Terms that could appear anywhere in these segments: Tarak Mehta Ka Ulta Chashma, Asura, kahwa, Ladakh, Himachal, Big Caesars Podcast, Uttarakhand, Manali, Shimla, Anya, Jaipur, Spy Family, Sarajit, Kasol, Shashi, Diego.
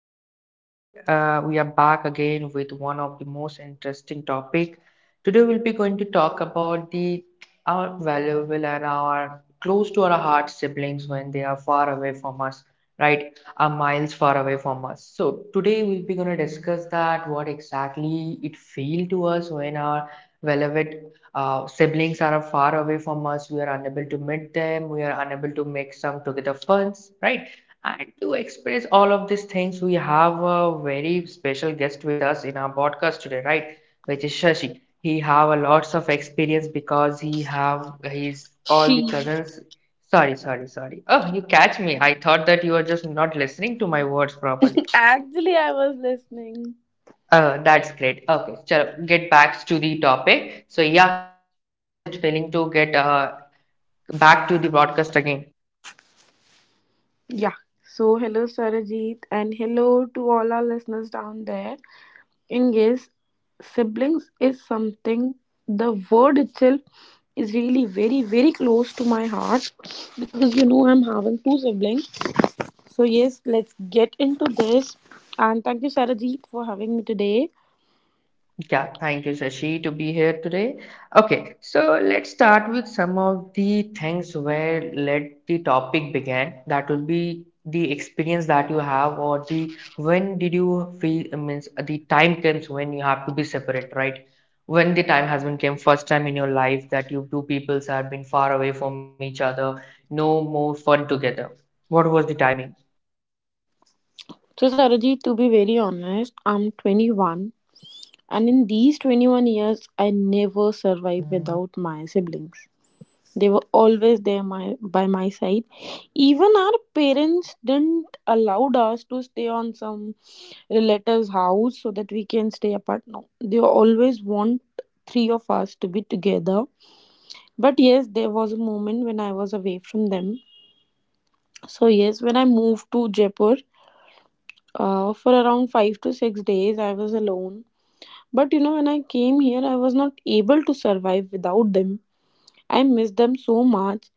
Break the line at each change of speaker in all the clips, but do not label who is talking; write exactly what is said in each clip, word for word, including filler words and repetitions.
So today uh, we are back again with one of the most interesting topic. Today we'll be going to talk about the our valuable and our close to our heart siblings when they are far away from us, right? Are miles far away from us. So today we'll be going to discuss that what exactly it feel to us when our beloved uh, siblings are far away from us, we are unable to meet them, we are unable to make some together funs, right? And to express all of these things, we have a very special guest with us in our podcast today, right? Which is Shashi. He have a lots of experience because he have his all the
She.
cousins. Sorry, sorry, sorry. Oh, you catch me. I thought that you are just not listening to my words properly.
Actually, I was listening.
Uh, that's great. Okay, chalo, get back to the topic. So yeah, Shashi, how does it feeling to get uh, back to the broadcast again.
Yeah. So, hello, Sarajit, and hello to all our listeners down there. And yes, siblings is something, the word itself is really very, very close to my heart because you know I'm having two siblings. So, yes, let's get into this. And thank you, Sarajit, for having me today.
Yeah, thank you, Sashi, to be here today. Okay, so let's start with some of the things where let the topic began. That will be the experience that you have, or the when did you feel I means the time comes when you have to be separate, right? When the time has been came first time in your life that you two peoples have been far away from each other, no more fun together. What was the timing?
So, Sarajit, to be very honest, I'm twenty-one. And in these twenty-one years, I never survived without my siblings. They were always there my, by my side. Even our parents didn't allow us to stay on some relative's house so that we can stay apart. No, they always want three of us to be together. But yes, there was a moment when I was away from them. So, yes, when I moved to Jaipur uh, for around five to six days, I was alone. But you know, when I came here, I was not able to survive without them. I miss them so much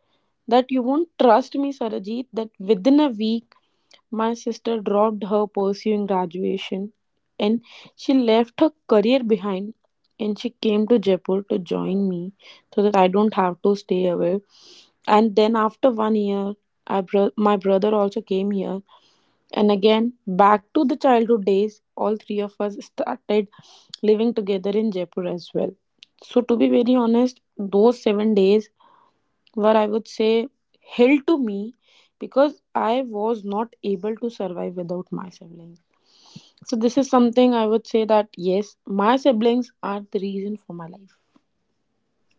that you won't trust me, Sarajit, that within a week, my sister dropped her pursuing graduation and she left her career behind and she came to Jaipur to join me so that I don't have to stay away. And then after one year, I bro- my brother also came here, and again, back to the childhood days, all three of us started living together in Jaipur as well. So, to be very honest, those seven days were, I would say, hell to me because I was not able to survive without my siblings. So, this is something I would say that yes, my siblings are the reason for my life.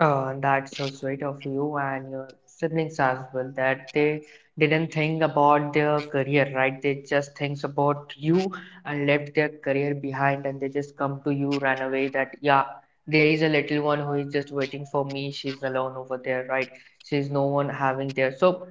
Uh, that's so sweet of you and your siblings as well that they didn't think about their career, right? They just thinks about you and left their career behind and they just come to you, ran away that yeah, there is a little one who is just waiting for me. She's alone over there, right? She's no one having there. So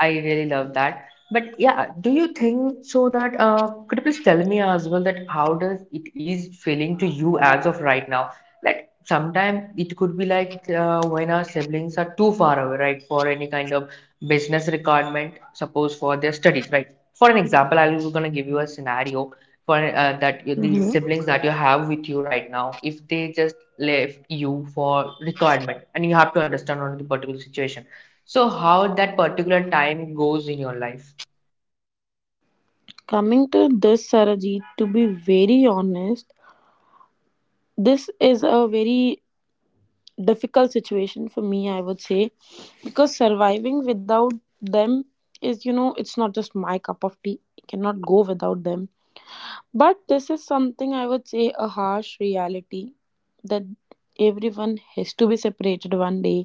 I really love that. But yeah, do you think so that uh, could you please tell me as well that how does it is feeling to you as of right now? Like sometimes it could be like uh, when our siblings are too far away, right, for any kind of business requirement, suppose for their studies, right? For an example, I was going to give you a scenario for uh, that you- the
hmm
siblings that you have with you right now, if they just left you for requirement and you have to understand on the particular situation, so how that particular time goes in your life.
Coming to this, Sarajit, to be very honest, this is a very difficult situation for me, I would say, because surviving without them is, you know it's not just my cup of tea. I cannot go without them, but this is something I would say a harsh reality that everyone has to be separated one day.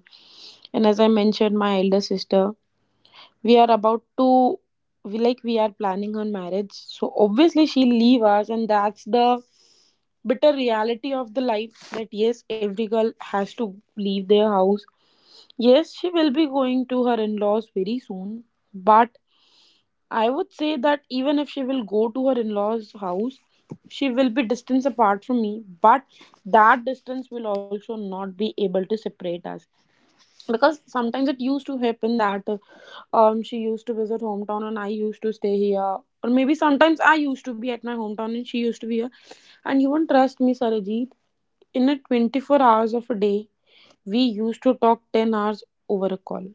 And as I mentioned, my elder sister, we are about to we like we are planning on marriage, so obviously she'll leave us, and that's the bitter reality of the life that yes, every girl has to leave their house. Yes, she will be going to her in laws very soon, but I would say that even if she will go to her in laws' house, she will be distance apart from me, but that distance will also not be able to separate us because sometimes it used to happen that uh, um she used to visit hometown and I used to stay here, or maybe sometimes I used to be at my hometown and she used to be here. And you won't trust me, Sarajit, in a twenty-four hours of a day, we used to talk ten hours over a call.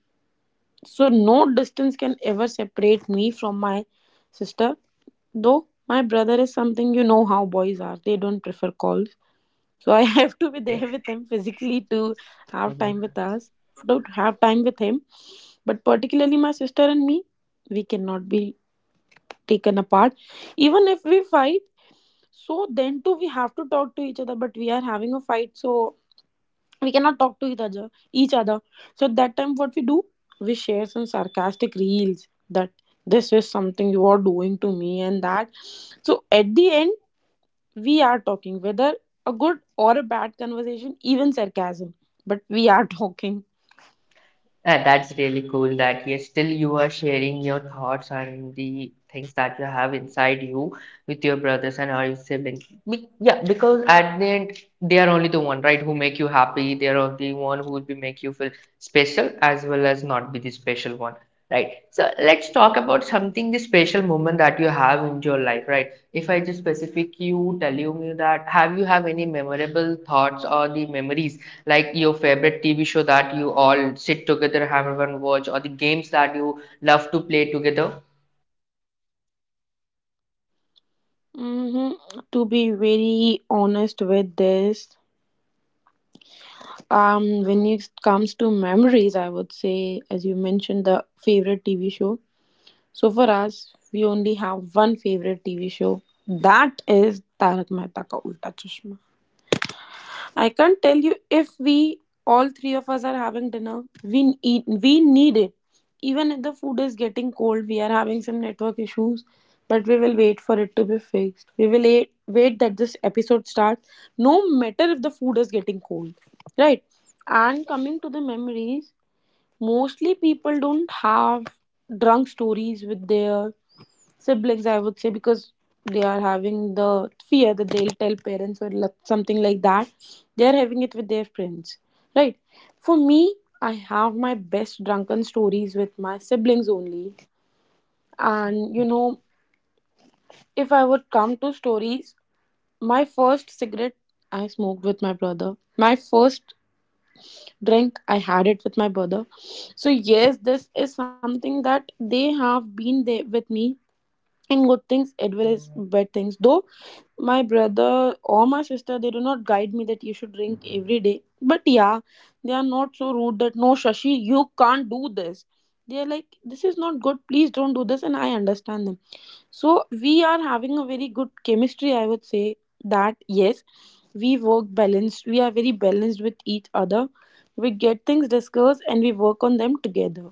So no distance can ever separate me from my sister. Though my brother is something, you know how boys are. They don't prefer calls. So I have to be
Okay,
there with him physically to have time with us. Don't have time with him. But particularly my sister and me, we cannot be taken apart. Even if we fight, so then too we have to talk to each other. But we are having a fight, so we cannot talk to each other each other. So that time, what we do, we share some sarcastic reels that this is something you are doing to me, and that. So at the end, we are talking, whether a good or a bad conversation, even sarcasm, but we are talking.
Uh, that's really cool that yes, still you are sharing your thoughts and the things that you have inside you with your brothers and all your siblings. Be yeah, because at the end they are only the one, right, who make you happy. They are the one who will be make you feel special as well as not be the special one, right? So let's talk about something the special moment that you have in your life, right? If I just specific you, tell you me that have you have any memorable thoughts or the memories? Like your favorite T V show that you all sit together, have one watch, or the games that you love to play together.
hmm to be very honest with this, um when it comes to memories, I would say, as you mentioned, the favorite TV show. So for us, we only have one favorite T V show. That is Tarak Mehta Ka Ulta Chashma. I can't tell you, if we all three of us are having dinner, we eat. We need it. Even if the food is getting cold, we are having some network issues, but we will wait for it to be fixed. We will wait, wait that this episode starts, no matter if the food is getting cold, right? And coming to the memories, mostly people don't have drunk stories with their siblings, I would say, because they are having the fear that they'll tell parents or like- something like that. They're having it with their friends, right? For me, I have my best drunken stories with my siblings only. And you know if I would come to stories, my first cigarette I smoked with my brother, my first drink I had it with my brother. So yes, this is something that they have been there with me in good things as well as bad things. Though my brother or my sister, they do not guide me that you should drink every day, but yeah, they are not so rude that no, Shashi, you can't do this. They are like, this is not good, please don't do this, and I understand them. So we are having a very good chemistry, I would say, that yes, we work balanced, we are very balanced with each other. We get things discussed and we work on them together.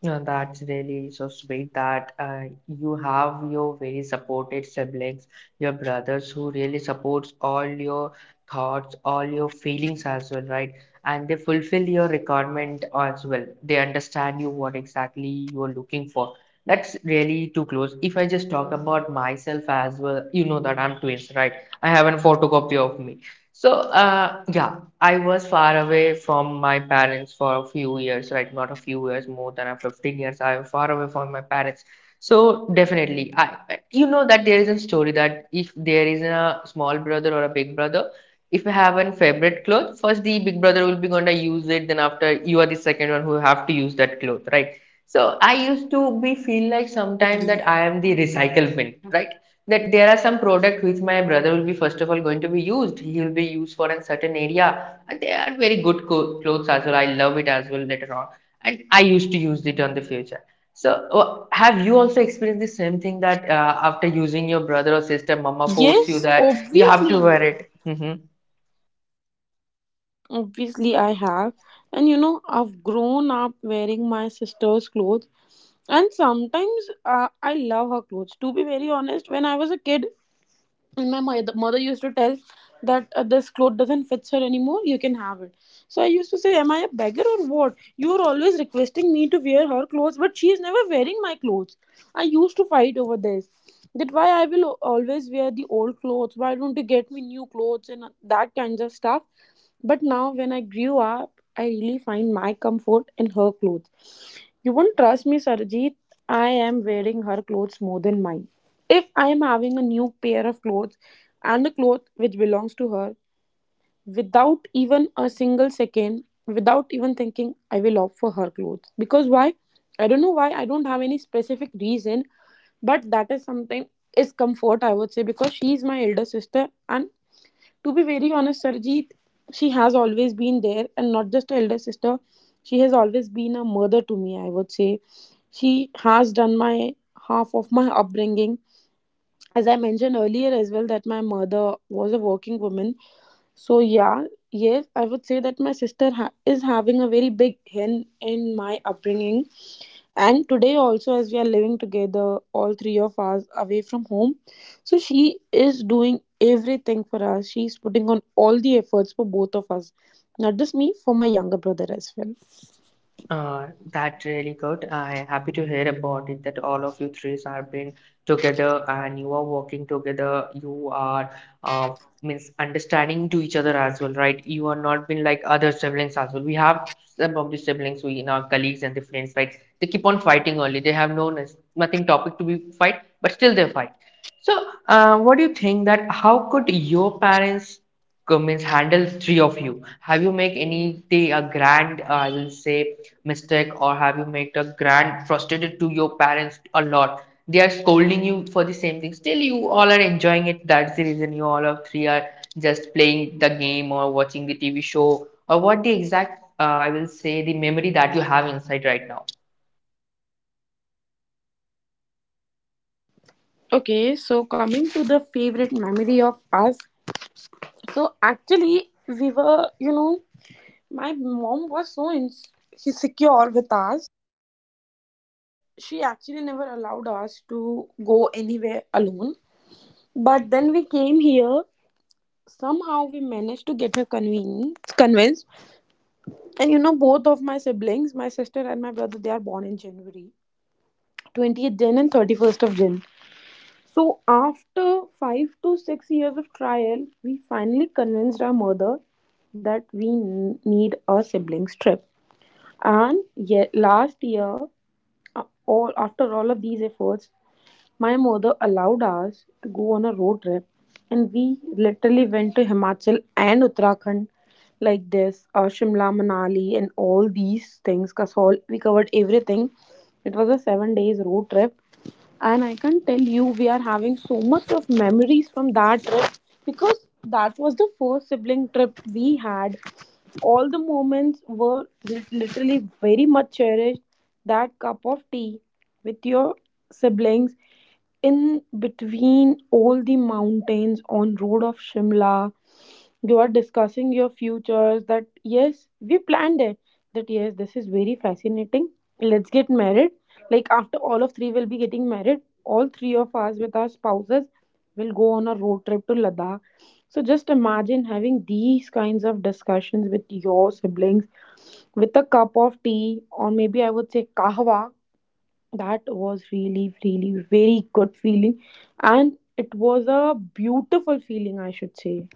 Yeah, that's really so sweet that uh, you have your very supported siblings, your brothers who really supports all your thoughts, all your feelings as well, right? And they fulfill your requirement as well. They understand you what exactly you are looking for. That's really too close. If I just talk about myself as well, you know that I'm twins, right? I have a photocopy of me. So, uh, yeah, I was far away from my parents for a few years, right? Not a few years, more than a fifteen years. I was far away from my parents. So, definitely, I, you know that there is a story that if there is a small brother or a big brother, if you have a favorite cloth, first the big brother will be going to use it, then after you are the second one who have to use that cloth, right? So I used to be feel like sometimes
Agreed.
that I am the recycle bin, right? That there are some product which my brother will be first of all going to be used, he will be used for a certain area and they are very good co- clothes as well, I love it as well later on, and I used to use it on the future. So uh, have you also experienced the same thing that uh, after using your brother or sister mama force you
Yes,
that you have to
obviously
wear it? Mm-hmm.
Obviously, I have. And you know, I've grown up wearing my sister's clothes. And sometimes uh, I love her clothes. To be very honest, when I was a kid, and my mother, mother used to tell that uh, this cloth doesn't fit her anymore, you can have it. So I used to say, am I a beggar or what? You are always requesting me to wear her clothes, but she is never wearing my clothes. I used to fight over this, that why I will always wear the old clothes, why don't you get me new clothes, and uh, that kinds of stuff. But now when I grew up, I really find my comfort in her clothes. You won't trust me, Sarjeet, I am wearing her clothes more than mine. If I am having a new pair of clothes and a cloth which belongs to her, without even a single second, without even thinking, I will opt for her clothes. Because why? I don't know why. I don't have any specific reason, but that is something, is comfort, I would say, because she is my elder sister. And to be very honest, Sarjeet, she has always been there, and not just an elder sister. She has always been a mother to me, I would say. She has done my half of my upbringing, as I mentioned earlier as well, that my mother was a working woman. So yeah, yes, I would say that my sister ha- is having a very big hand in my upbringing. And today also, as we are living together, all three of us away from home, so she is doing everything for us. She's putting on all the efforts for both of us, not just me, for my younger brother as well.
Uh, that's really good. I'm happy to hear about it that all of you three are been together and you are working together. You are uh, means understanding to each other as well, right? You are not been like other siblings as well. We have some of the siblings we in our colleagues and the friends, right? They keep on fighting only. They have no nes- nothing topic to be fight, but still they fight. So, uh, what do you think that how could your parents means handle three of you. Have you make any day a grand, uh, I will say, mistake, or have you made a grand frustrated to your parents a lot? They are scolding you for the same thing. Still, you all are enjoying it. That's the reason you all of three are just playing the game or watching the T V show or what the exact, uh, I will say, the memory that you have inside right now.
Okay, so coming to the favorite memory of us. So actually, we were you know my mom was so insecure with us. She actually never allowed us to go anywhere alone. But then we came here. Somehow we managed to get her convinced. Convinced. And you know, both of my siblings, my sister and my brother, they are born in January, twentieth Jan and thirty-first of Jan. So after five to six years of trial, we finally convinced our mother that we n- need a siblings trip. And yet last year, A- all after all of these efforts, my mother allowed us to go on a road trip, and we literally went to Himachal and Uttarakhand, like this, uh, Shimla, Manali, and all these things. Kasol, we covered everything. It was a seven days road trip, and I can tell you we are having so much of memories from that trip because that was the first sibling trip we had. All the moments were lit- literally very much cherished. That cup of tea with your siblings in between all the mountains on road of Shimla. You are discussing your futures that yes, we planned it. That yes, this is very fascinating. Let's get married. Like, after all of three will be getting married, all three of us with our spouses, we'll go on a road trip to Ladakh. So just imagine having these kinds of discussions with your siblings with a cup of tea, or maybe I would say kahwa. That was really, really very good feeling. And it was a beautiful feeling, I should say.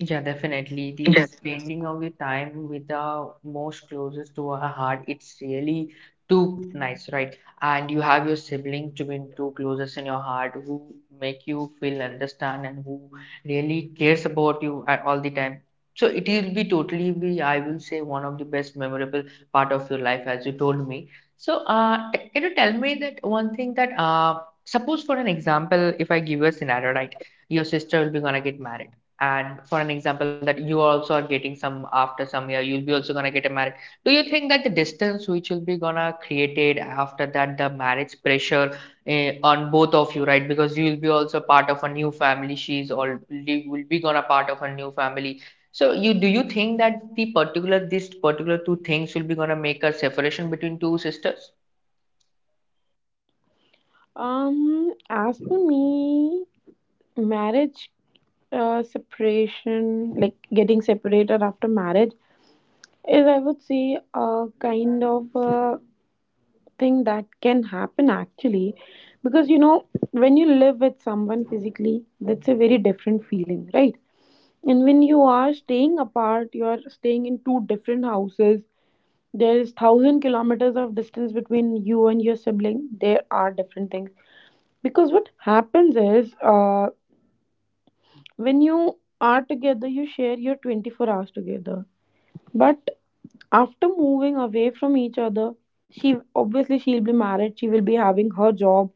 Yeah, definitely. The
Yes.
spending of the time with the most closest to our heart, it's really too nice, right? And you have your sibling to be too closest in your heart who make you feel understand and who really cares about you at all the time. So it will be totally be, I will say, one of the best memorable part of your life, as you told me. So, uh, t- can you tell me that one thing that, uh, suppose for an example, if I give you a scenario, right? Your sister will be gonna get married, and for an example that you also are getting some after some year, you'll be also gonna get a marriage. Do you think that the distance which will be gonna created after that the marriage pressure, eh, on both of you, right, because you'll be also part of a new family, she's already will be gonna part of a new family, so you do you think that the particular this particular two things will be gonna make a separation between two sisters?
Um, as for me, marriage uh, separation, like getting separated after marriage, is I would say a kind of a thing that can happen actually because you know when you live with someone physically, that's a very different feeling, right? And when you are staying apart, you are staying in two different houses, there is thousand kilometers of distance between you and your sibling, there are different things. Because what happens is, uh, when you are together you share your twenty-four hours together. But after moving away from each other, she obviously she'll be married. She will be having her job,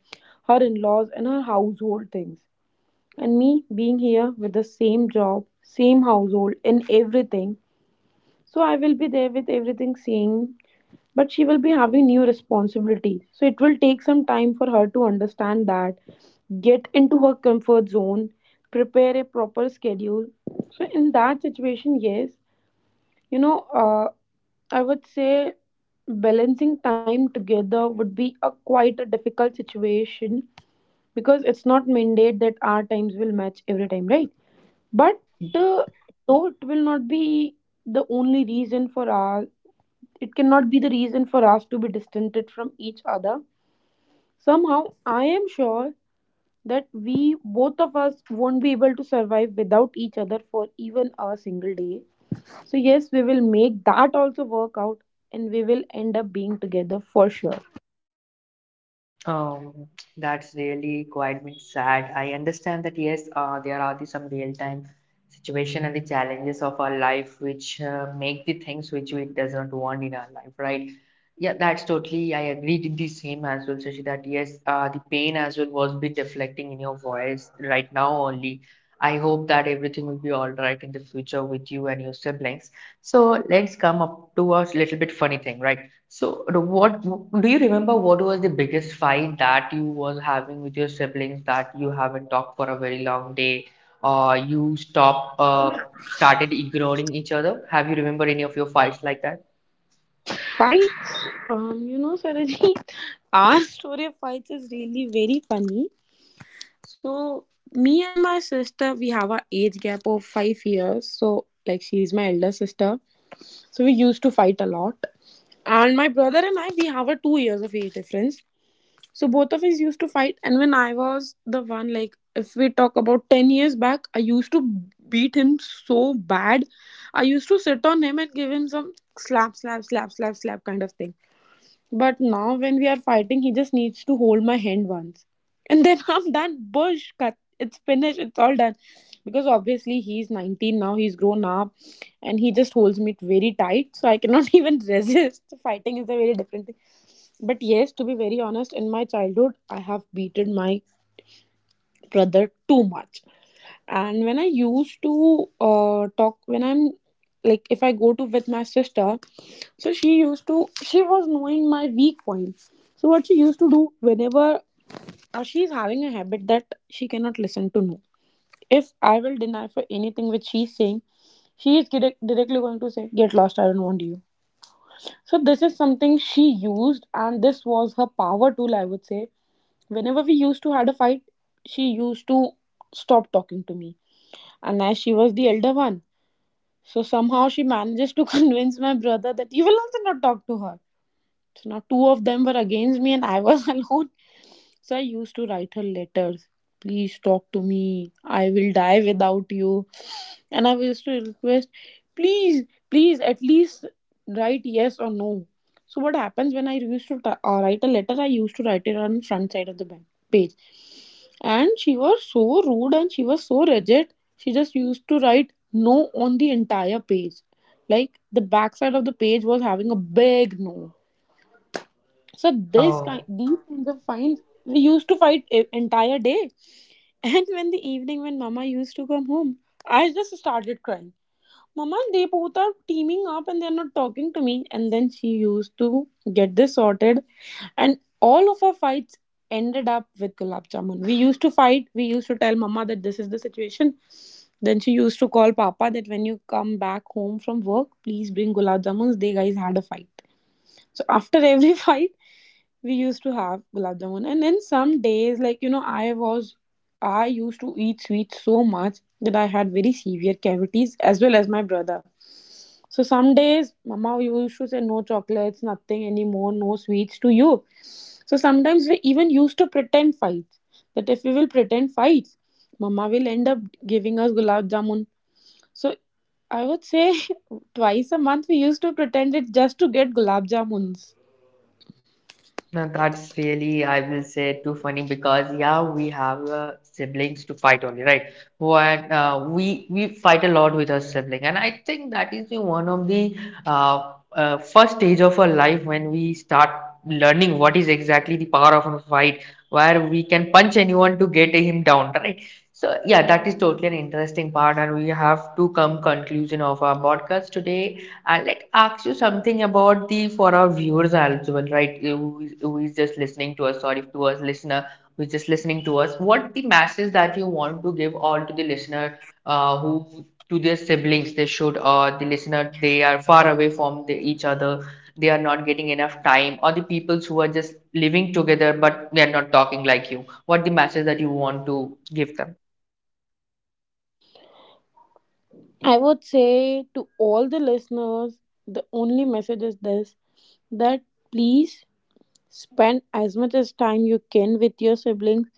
her in-laws, and her household things. And me being here with the same job, same household, and everything. So I will be there with everything same. But she will be having new responsibilities. So it will take some time for her to understand that, get into her comfort zone, prepare a proper schedule. So, in that situation, yes, you know, uh, I would say balancing time together would be a quite a difficult situation because it's not mandate that our times will match every time, right? But uh, though it will not be the only reason for us, it cannot be the reason for us to be distanced from each other. Somehow, I am sure that we, both of us, won't be able to survive without each other for even a single day. So, yes, we will make that also work out and we will end up being together for sure.
Um, that's really quite bit sad. I understand that yes, uh, there are the some real-time situation and the challenges of our life which uh, make the things which we does not want in our life, right? Yeah, that's totally. I agreed with the same as well, Sashi, that yes, uh, the pain as well was bit reflecting in your voice right now only. I hope that everything will be all right in the future with you and your siblings. So let's come up to a little bit funny thing, right? So, the- what do you remember? What was the biggest fight that you was having with your siblings that you haven't talked for a very long day, or you stop uh, started ignoring each other? Have you remember any of your fights like that?
Fights, um, you know, Saraji, our story of fights is really very funny. So, me and my sister, we have a age gap of five years. So, like, she's my elder sister. So, we used to fight a lot. And my brother and I, we have a two years of age difference. So both of us used to fight, and when I was the one, like if we talk about ten years back, I used to beat him so bad. I used to sit on him and give him some slap, slap, slap, slap, slap kind of thing. But now when we are fighting, he just needs to hold my hand once, and then I'm done. Bush cut. It's finished. It's all done. Because obviously he's nineteen now. He's grown up, and he just holds me very tight. So I cannot even resist. Fighting is a very different thing, but yes, to be very honest, in my childhood, I have beaten my brother too much. And when I used to uh, talk, when I'm like, if I go to with my sister, so she used to, she was knowing my weak points. So what she used to do whenever, uh, she's having a habit that she cannot listen to no. If I will deny for anything which she's saying, she is direct, directly going to say, "Get lost, I don't want you." So this is something she used, and this was her power tool, I would say. Whenever we used to had a fight, she used to stop talking to me, and as she was the elder one, so somehow she manages to convince my brother that you will also not talk to her. So now two of them were against me and I was alone. So I used to write her letters, please talk to me, I will die without you. And I used to request, please, please, at least write yes or no. So what happens, when I used to t- uh, write a letter, I used to write it on front side of the ba- page. And she was so rude and she was so rigid. She just used to write no on the entire page. Like the backside of the page was having a big no. So this kind
Oh.
these kinds of fines, we used to fight e- entire day. And when the evening, when mama used to come home, I just started crying. Mama, they both are teaming up and they're not talking to me. And then she used to get this sorted. And all of our fights ended up with gulab jamun. We used to fight. We used to tell Mama that this is the situation. Then she used to call Papa that when you come back home from work, please bring gulab jamuns. They guys had a fight. So after every fight, we used to have gulab jamun. And then some days, like you know, i was i used to eat sweets so much that I had very severe cavities, as well as my brother. So some days mama used to say no chocolates, nothing anymore, no sweets to you. So sometimes we even used to pretend fights, that if we will pretend fights, mama will end up giving us gulab jamun. So I would say, twice a month we used to pretend it just to get gulab jamuns.
Now that's really, I will say, too funny because yeah, we have uh, siblings to fight only, right? When uh, we we fight a lot with our sibling, and I think that is the one of the uh, uh, first stage of our life when we start learning what is exactly the power of a fight, where we can punch anyone to get him down, right? So yeah, that is totally an interesting part, and we have to come conclusion of our podcast today. I'd like ask you something about the for our viewers as well, right? Who is, who is just listening to us, sorry, to us listener who is just listening to us. What the message that you want to give all to the listener uh, who to their siblings they should or the listener they are far away from the, each other, they are not getting enough time, or the peoples who are just living together but they are not talking like you. What the message that you want to give them?
I would say to all the listeners, the only message is this, that please spend as much as time you can with your siblings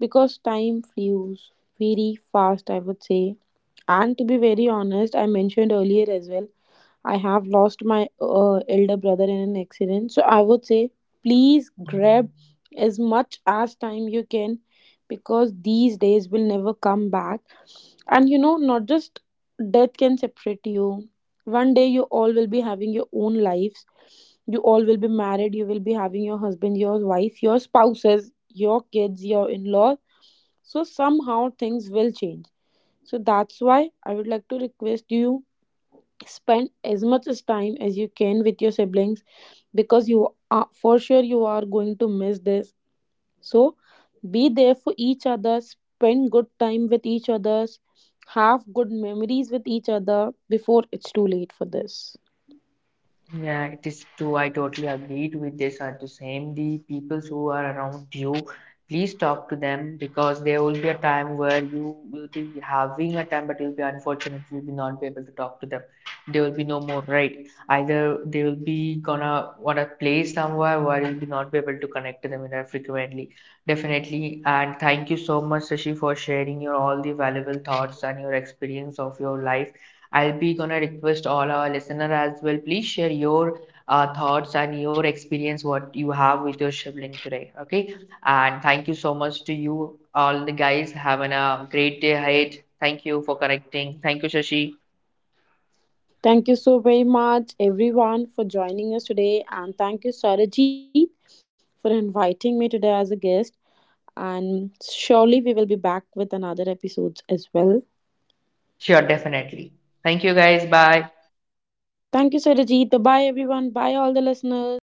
because time flews very fast, I would say. And to be very honest, I mentioned earlier as well, I have lost my uh, elder brother in an accident. So I would say, please grab as much as time you can because these days will never come back. And you know, not just death can separate you. One day you all will be having your own lives. You all will be married. You will be having your husband, your wife, your spouses, your kids, your in laws. So somehow things will change. So that's why I would like to request you, spend as much as time as you can with your siblings because you are, for sure you are going to miss this. So be there for each other, spend good time with each other, have good memories with each other before it's too late for this.
Yeah, it is true. I totally agreed with this. Are the same the peoples who are around you. Please talk to them because there will be a time where you will be having a time, but you'll be unfortunately will be not be able to talk to them. There will be no more right. Either they will be gonna wanna play somewhere where you'll be not be able to connect to them in a frequently. Definitely. And thank you so much, Sashi, for sharing your all the valuable thoughts and your experience of your life. I'll be gonna request all our listener as well. Please share your uh, thoughts and your experience what you have with your sibling today. Okay, and thank you so much to you all the guys. Having a great day ahead. Thank you for connecting. Thank you, Shashi.
Thank you so very much, everyone, for joining us today, and thank you, Sarajit, for inviting me today as a guest, and surely we will be back with another episodes as well.
Sure, definitely. Thank you, guys. Bye.
Thank you, Sarajit. Bye everyone, bye all the listeners.